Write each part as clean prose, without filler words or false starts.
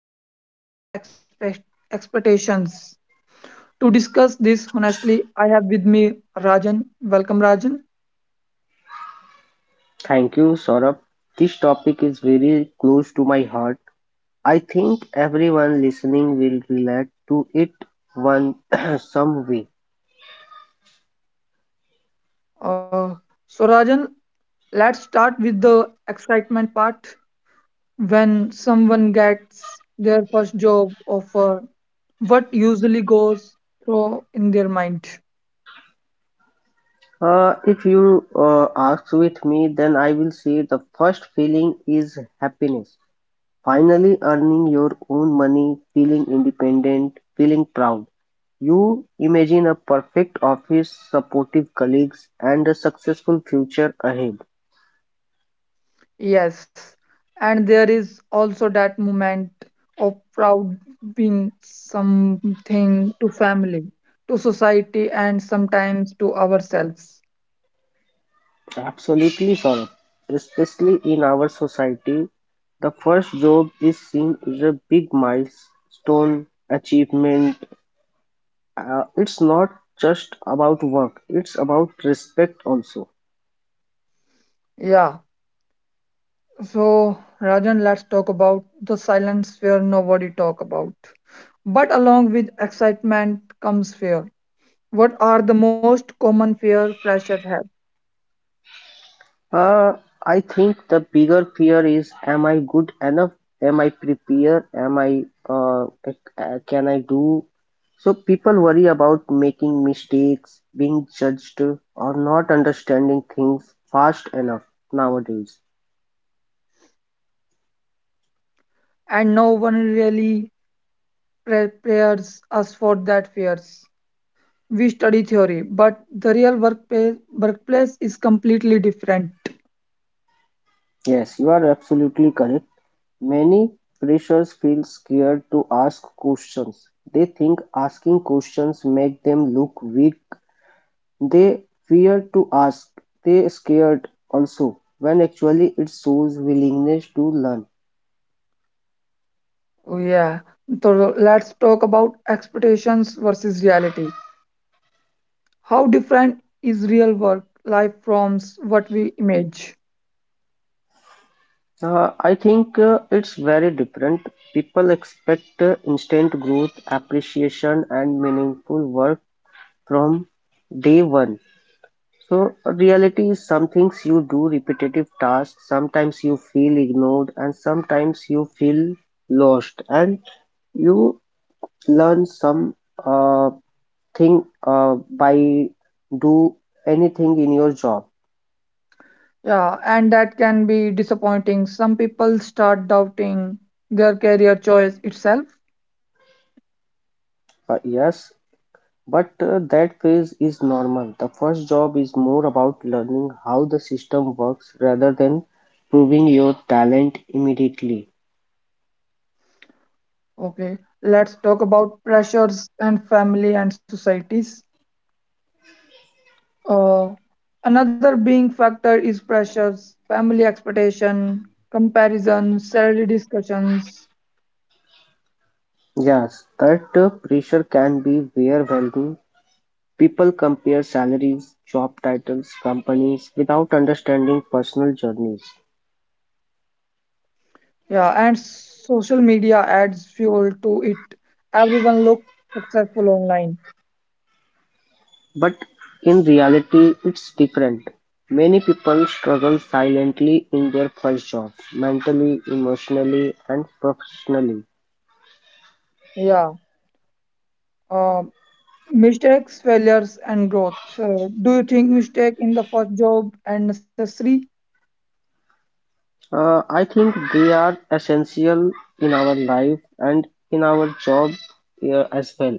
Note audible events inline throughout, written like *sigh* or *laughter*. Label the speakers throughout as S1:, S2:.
S1: pressures and expectations. To discuss this honestly, I have with me Rajan. Welcome Rajan.
S2: Thank you, Saurabh. This topic is very close to my heart. I think everyone listening will relate to it one *clears throat* some way.
S1: Uh, so Rajan, let's start with the excitement part. When someone gets their first job offer, what usually goes through in their mind?
S2: If you ask with me, then I will say the first feeling is happiness. Finally, earning your own money, feeling independent, feeling proud. You imagine a perfect office, supportive colleagues, and a successful future ahead.
S1: Yes, and there is also that moment of proud being something to family, to society, and sometimes to ourselves.
S2: Absolutely, Saurabh. Especially in our society, the first job is seen as a big milestone achievement. It's not just about work, it's about respect also.
S1: Yeah, so Rajan, let's talk about the silence where nobody talk about. But along with excitement comes fear. What are the most common fear freshers have?
S2: Uh, I think the bigger fear is am I good enough? Am I prepared? Can I do? So people worry about making mistakes, being judged, or not understanding things fast enough nowadays.
S1: And no one really prepares us for that fears. We study theory, but the workplace is completely different.
S2: Yes, you are absolutely correct. Many freshers feel scared to ask questions. They think asking questions make them look weak. They fear to ask. They scared also when actually it shows willingness to learn.
S1: Oh, yeah, so let's talk about expectations versus reality. How different is real work life from what we image?
S2: I think it's very different. People expect instant growth, appreciation, and meaningful work from day one. So reality is some things you do repetitive tasks, sometimes you feel ignored, and sometimes you feel lost, and you learn some uh, thing by do anything in your job.
S1: Yeah, and that can be disappointing. Some people start doubting their career choice itself.
S2: Yes, but that phase is normal. The first job is more about learning how the system works rather than proving your talent immediately.
S1: Okay, let's talk about pressures and family and societies. Uh, another being factor is pressures, family expectation, comparison, salary discussions,
S2: Yes, that pressure can be overwhelming. People compare salaries, job titles, companies, without understanding personal journeys.
S1: yeah, and social media adds fuel to it. Everyone look successful online.
S2: But in reality, it's different. Many people struggle silently in their first jobs, mentally, emotionally, and professionally.
S1: Yeah. Uh, mistakes, failures, and growth. Do you think mistake in the first job and necessary?
S2: I think they are essential in our life and in our job as well.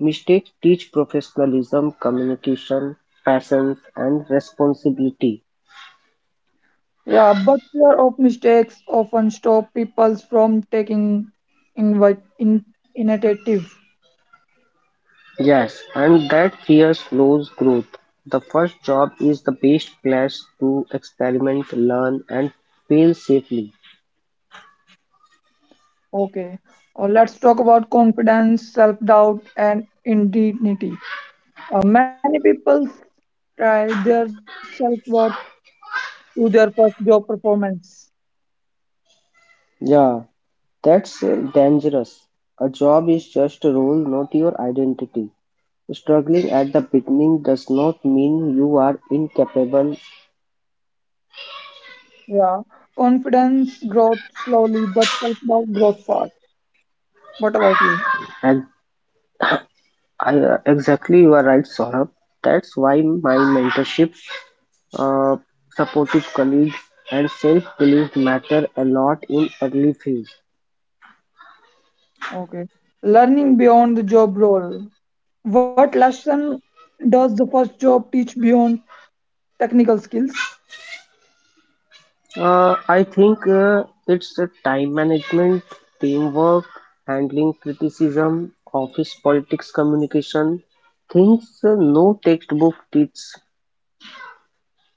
S2: Mistakes teach professionalism, communication, patience, and responsibility.
S1: Yeah, but fear of mistakes often stop people from taking invite in initiative.
S2: Yes, and that fear slows growth. The first job is the best place to experiment, learn, and fail safely.
S1: Okay, let's talk about confidence, self-doubt, and indignity. Many people try their self-worth to their first job performance.
S2: Yeah, that's dangerous. A job is just a role, not your identity. Struggling at the beginning does not mean you are incapable.
S1: Yeah, confidence grows slowly, but self-doubt grows fast. What about you?
S2: And exactly, you are right, Saurabh. That's why my mentorship, uh, supportive colleagues, and self belief matter a lot in early phase.
S1: Okay, learning beyond the job role. What lesson does the first job teach beyond technical skills?
S2: I think it's time management, teamwork, handling criticism, office politics, communication, things no textbook teaches.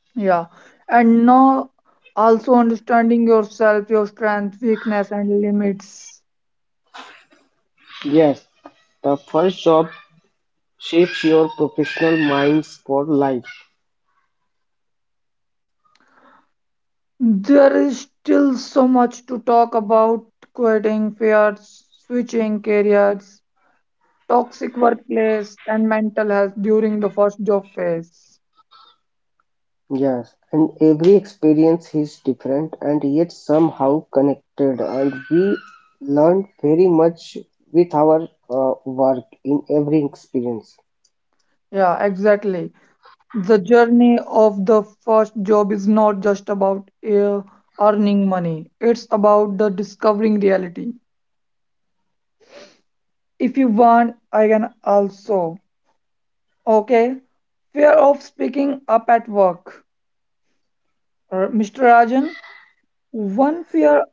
S1: Yeah, and now also understanding yourself, your strength, weakness, and limits.
S2: Yes, the first job shapes your professional minds for life.
S1: There is still so much to talk about quitting fears, switching careers, toxic workplace, and mental health during the first job phase.
S2: Yes, and every experience is different and yet somehow connected, and we learn very much with our work in every experience.
S1: Yeah, exactly. The journey of the first job is not just about earning money, it's about the discovering reality. If you want, I can also. Okay. Fear of speaking up at work. Mr. Rajan, one fear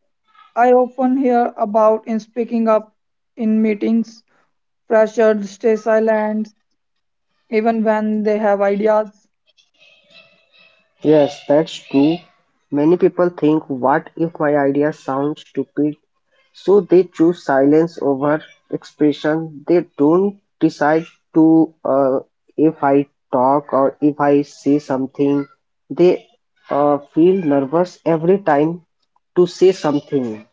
S1: I often hear about in speaking up in meetings, pressured, stay silent, even when they have ideas.
S2: Yes, that's true. Many people think, what if my idea sounds stupid? So they choose silence over expression. They don't decide to if I talk or if I say something. They feel nervous every time to say something.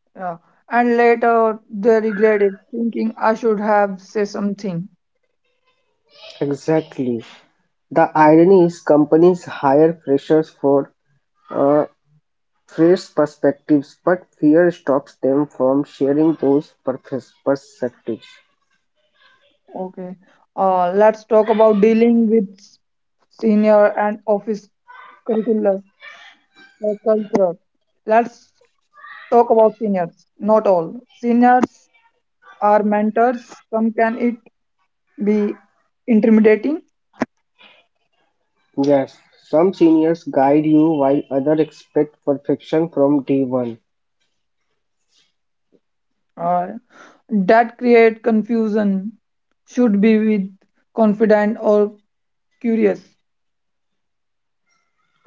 S1: Yeah. And later they regret it, thinking I should have said something.
S2: Exactly. The irony is companies hire freshers for uh, fresh perspectives, but fear stops them from sharing those perspectives.
S1: Okay. Let's talk about dealing with senior and office curricular or culture. Let's talk about seniors. Not all. Seniors are mentors. Some can it be intimidating.
S2: Yes, some seniors guide you while others expect perfection from day one.
S1: Uh, that create confusion should be with confident or curious.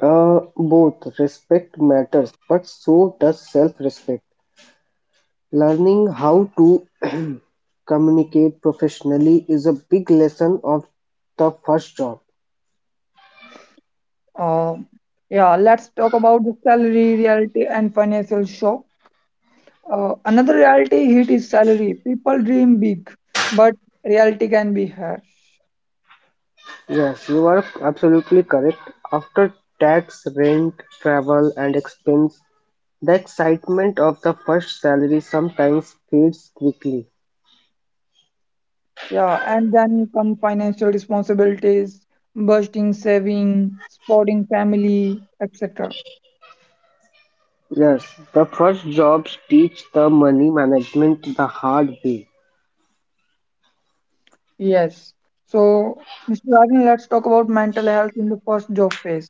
S2: Both respect matters, but so does self respect. Learning how to *clears throat* communicate professionally is a big lesson of the first job.
S1: uh, yeah, let's talk about the salary reality and financial shock. Another reality hit is salary. People dream big, but reality can be harsh.
S2: Yes, you are absolutely correct. After tax, rent, travel, and expense, the excitement of the first salary sometimes fades quickly.
S1: Yeah, and then come financial responsibilities, bursting saving, supporting family, etc.
S2: Yes, the first jobs teach the money management the hard way.
S1: Yes. So Mr. Rajan, let's talk about mental health in the first job phase.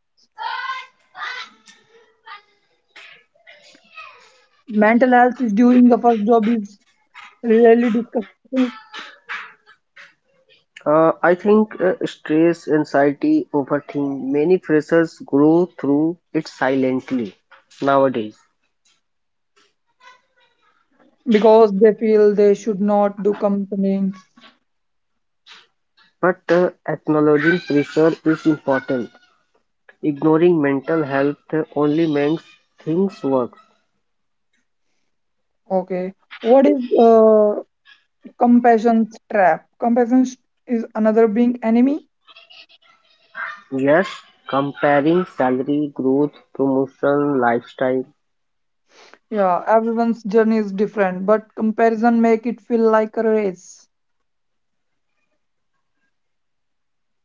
S1: Mental health during the first job is rarely discussed
S2: I think stress, anxiety, overthinking, many pressures grow through it silently nowadays.
S1: because they feel they should not do complaints.
S2: But acknowledging pressure is important. Ignoring mental health only makes things worse.
S1: Okay, what is compassion trap? Compassion is another being enemy.
S2: Yes, comparing salary, growth, promotion, lifestyle.
S1: Yeah, everyone's journey is different, but comparison make it feel like a race.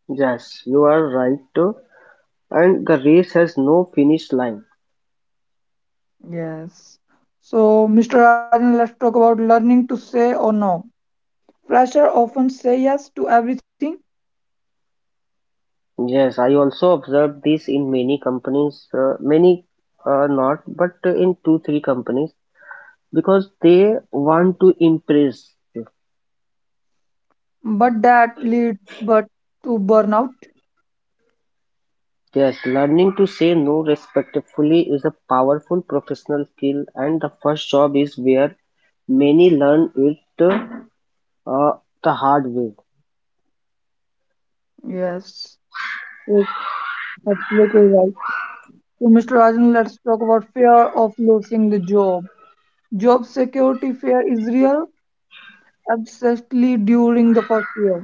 S2: Yes, you are right too. And the race has no finish line.
S1: Yes. So, Mr. Rajan, let's talk about learning to say or no. Fresher often say yes to everything,
S2: Yes, I also observed this in many companies, many not, but in two, three companies because they want to impress.
S1: but that leads but to burnout.
S2: Yes, learning to say no respectfully is a powerful professional skill, and the first job is where many learn it uh, the hard way.
S1: Yes. Absolutely right. So, Mr. Rajan, let's talk about fear of losing the job. Job security fear is real, especially during the first year.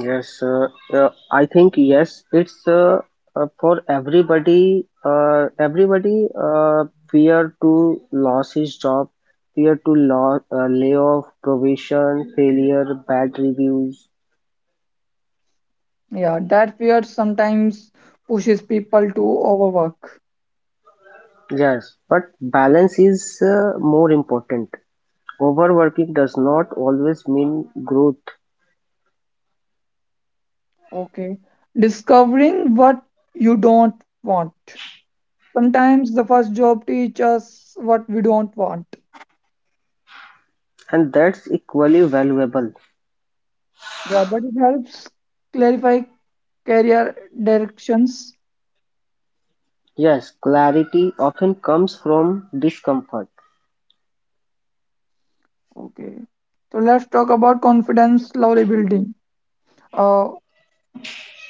S2: Yes, I think yes, it's for everybody. Everybody fear to lose his job, fear to lay provision, failure, bad reviews.
S1: Yeah, that fear sometimes pushes people to overwork.
S2: Yes, but balance is more important. Overworking does not always mean growth,
S1: Okay. Discovering what you don't want. Sometimes the first job teaches us what we don't want.
S2: and that's equally valuable.
S1: Yeah, but it helps clarify career directions.
S2: Yes, clarity often comes from discomfort.
S1: Okay. So let's talk about confidence slowly building. Uh,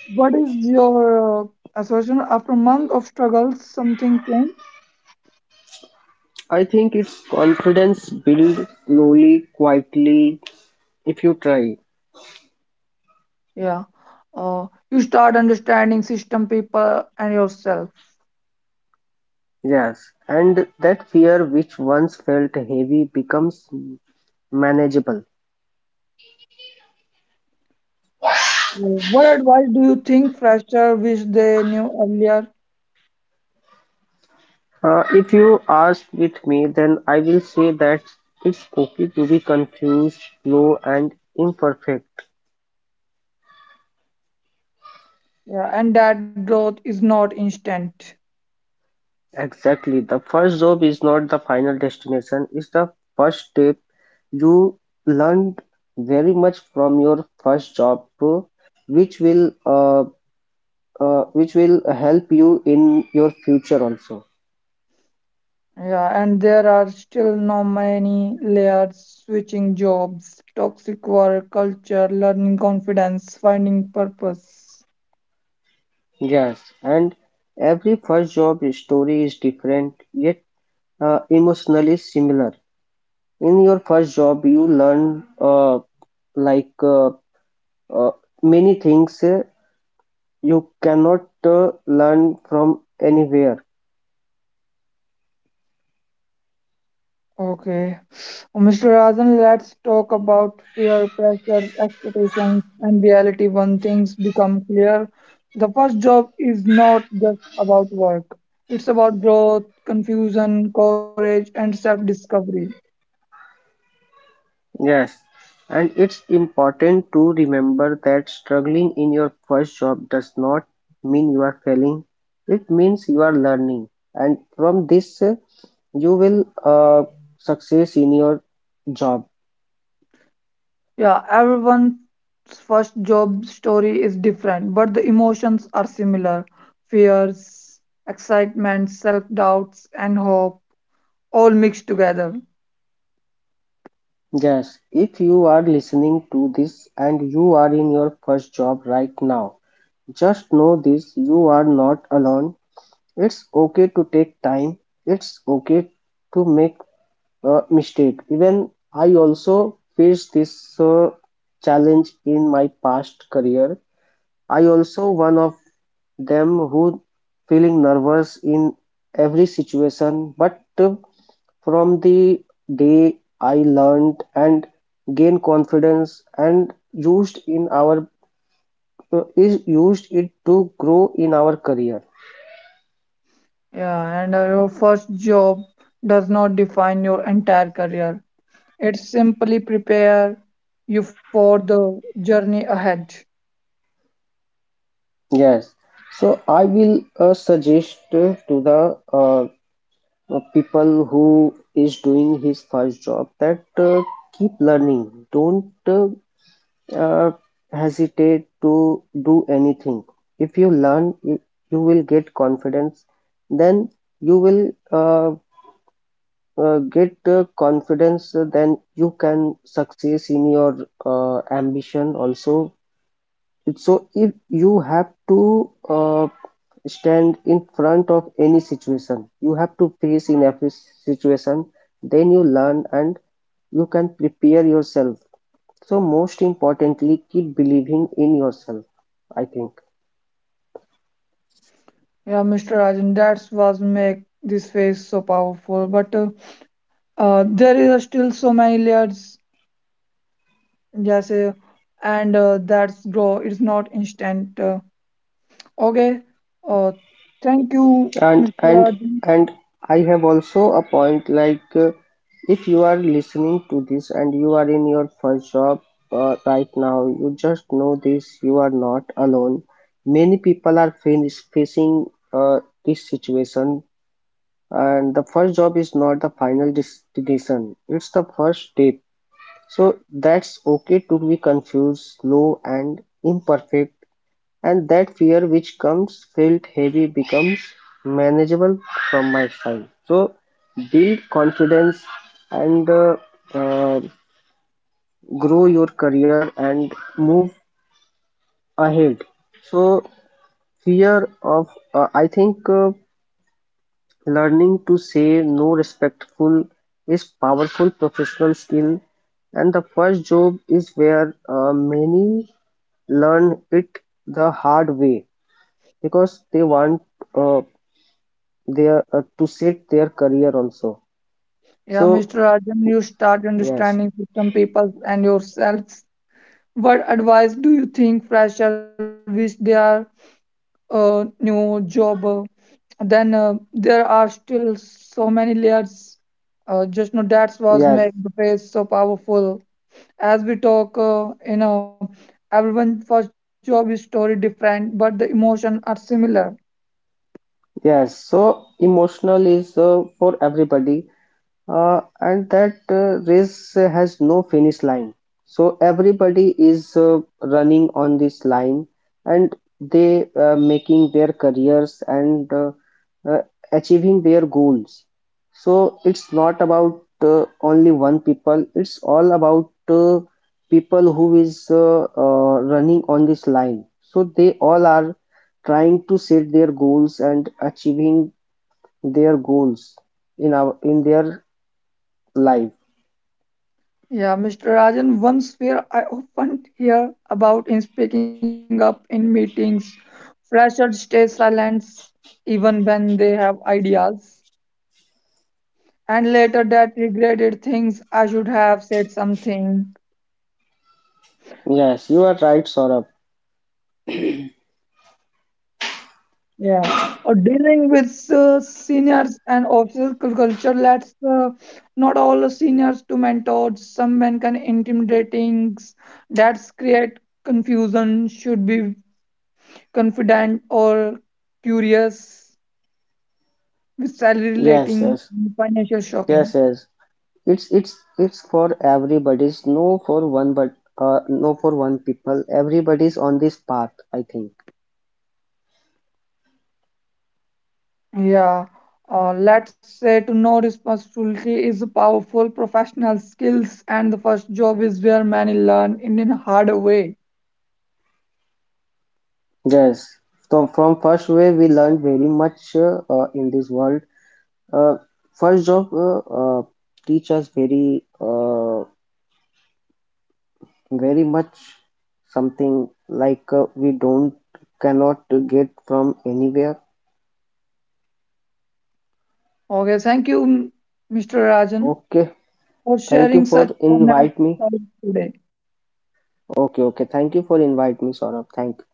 S1: What is your assertion? After a month of struggle, something changed?
S2: I think it's confidence built slowly, quietly, if you try.
S1: Yeah. You start understanding system, people, and yourself.
S2: Yes, and that fear which once felt heavy becomes manageable.
S1: Yeah. What advice do you think fresher wish they knew earlier?
S2: If you ask with me, then I will say that it's okay to be confused, slow, and imperfect.
S1: Yeah, and that growth is not instant.
S2: Exactly. The first job is not the final destination, it's the first step. You learned very much from your first job, which will uh, which will help you in your future also.
S1: Yeah, and there are still no many layers, switching jobs, toxic work culture, learning confidence, finding purpose.
S2: Yes, and every first job story is different yet emotionally similar. In your first job, you learn like uh, uh, many things you cannot learn from anywhere.
S1: Okay. Mr. Razan, let's talk about fear, pressure, expectations, and reality when things become clear. The first job is not just about work, it's about growth, confusion, courage, and self discovery.
S2: Yes, and it's important to remember that struggling in your first job does not mean you are failing. It means you are learning, and from this, you will success in your job.
S1: Yeah, everyone's first job story is different, but the emotions are similar, fears, excitement, self doubts, and hope all mixed together.
S2: Yes, if you are listening to this and you are in your first job right now, just know this you are not alone. It's okay to take time, it's okay to make mistake. Even I also faced this challenge in my past career. I also one of them who feeling nervous in every situation, but from the day I learned and gained confidence and used in our is used it to grow in our career.
S1: Yeah, and your first job does not define your entire career. It simply prepare you for the journey ahead.
S2: Yes. So I will suggest to the people who is doing his first job that keep learning, don't uh, hesitate to do anything. If you learn you will get confidence, then you will get confidence, then you can succeed in your ambition also. So if you have to stand in front of any situation, you have to face in every situation, then you learn and you can prepare yourself. So most importantly, keep believing in yourself, I think.
S1: Yeah, Mr. Rajan, that's what make this phase so powerful. But there is still so many layers, yes, and that's grow. It's not instant. Okay. Uh, Thank you,
S2: and
S1: Mr.
S2: and
S1: Rajan.
S2: and I have also a point like if you are listening to this and you are in your first job right now, you just know this you are not alone. Many people are facing this situation, and the first job is not the final destination, it's the first step. So that's okay to be confused, slow and imperfect, and that fear which comes felt heavy becomes manageable from my side. So build confidence and uh, grow your career and move ahead. So fear of I think learning to say no respectful is powerful professional skill, and the first job is where many learn it the hard way because they want uh, their to set their career also,
S1: Yeah, Mr.
S2: so
S1: Rajan, you start
S2: yes,
S1: understanding system, people, and yourself. What advice do you think freshers wish their new job? Then there are still so many layers. Just know that's what
S2: yes,
S1: makes the phrase so powerful. As we talk, everyone's first job is story different, but the emotions are similar.
S2: yes. So emotional is for everybody, and that race has no finish line. So everybody is running on this line, and they making their careers and uh, achieving their goals. So it's not about only one people. It's all about people who is running on this line. So they all are trying to set their goals and achieving their goals in our in their live.
S1: Yeah, Mr. Rajan, one sphere I often hear about in speaking up in meetings, freshers stay silent even when they have ideas. And later that regretted things I should have said something.
S2: Yes, you are right, Saurabh.
S1: Yeah, or dealing with seniors and officer culture. That's not all the seniors to mentors. Some men can intimidating. That's create confusion. Should be confident or curious with salary
S2: Yes,
S1: relating
S2: yes,
S1: and financial
S2: yes,
S1: shocking.
S2: yes. It's for everybody's. No for one, but no for one people. Everybody's on this path, I think.
S1: Yeah, let's say to know responsibility is a powerful professional skills, and the first job is where many learn in a hard way.
S2: Yes. So from first way we learned very much in this world. Uh, first job teach us very very much something like we don't cannot get from anywhere.
S1: Okay, thank you, Mr. Rajan,
S2: Okay.
S1: for
S2: Thank you
S1: sharing
S2: for
S1: such wonderful
S2: invite me.
S1: topic today.
S2: Okay, okay. Thank you for inviting me, Saurabh. Thank you.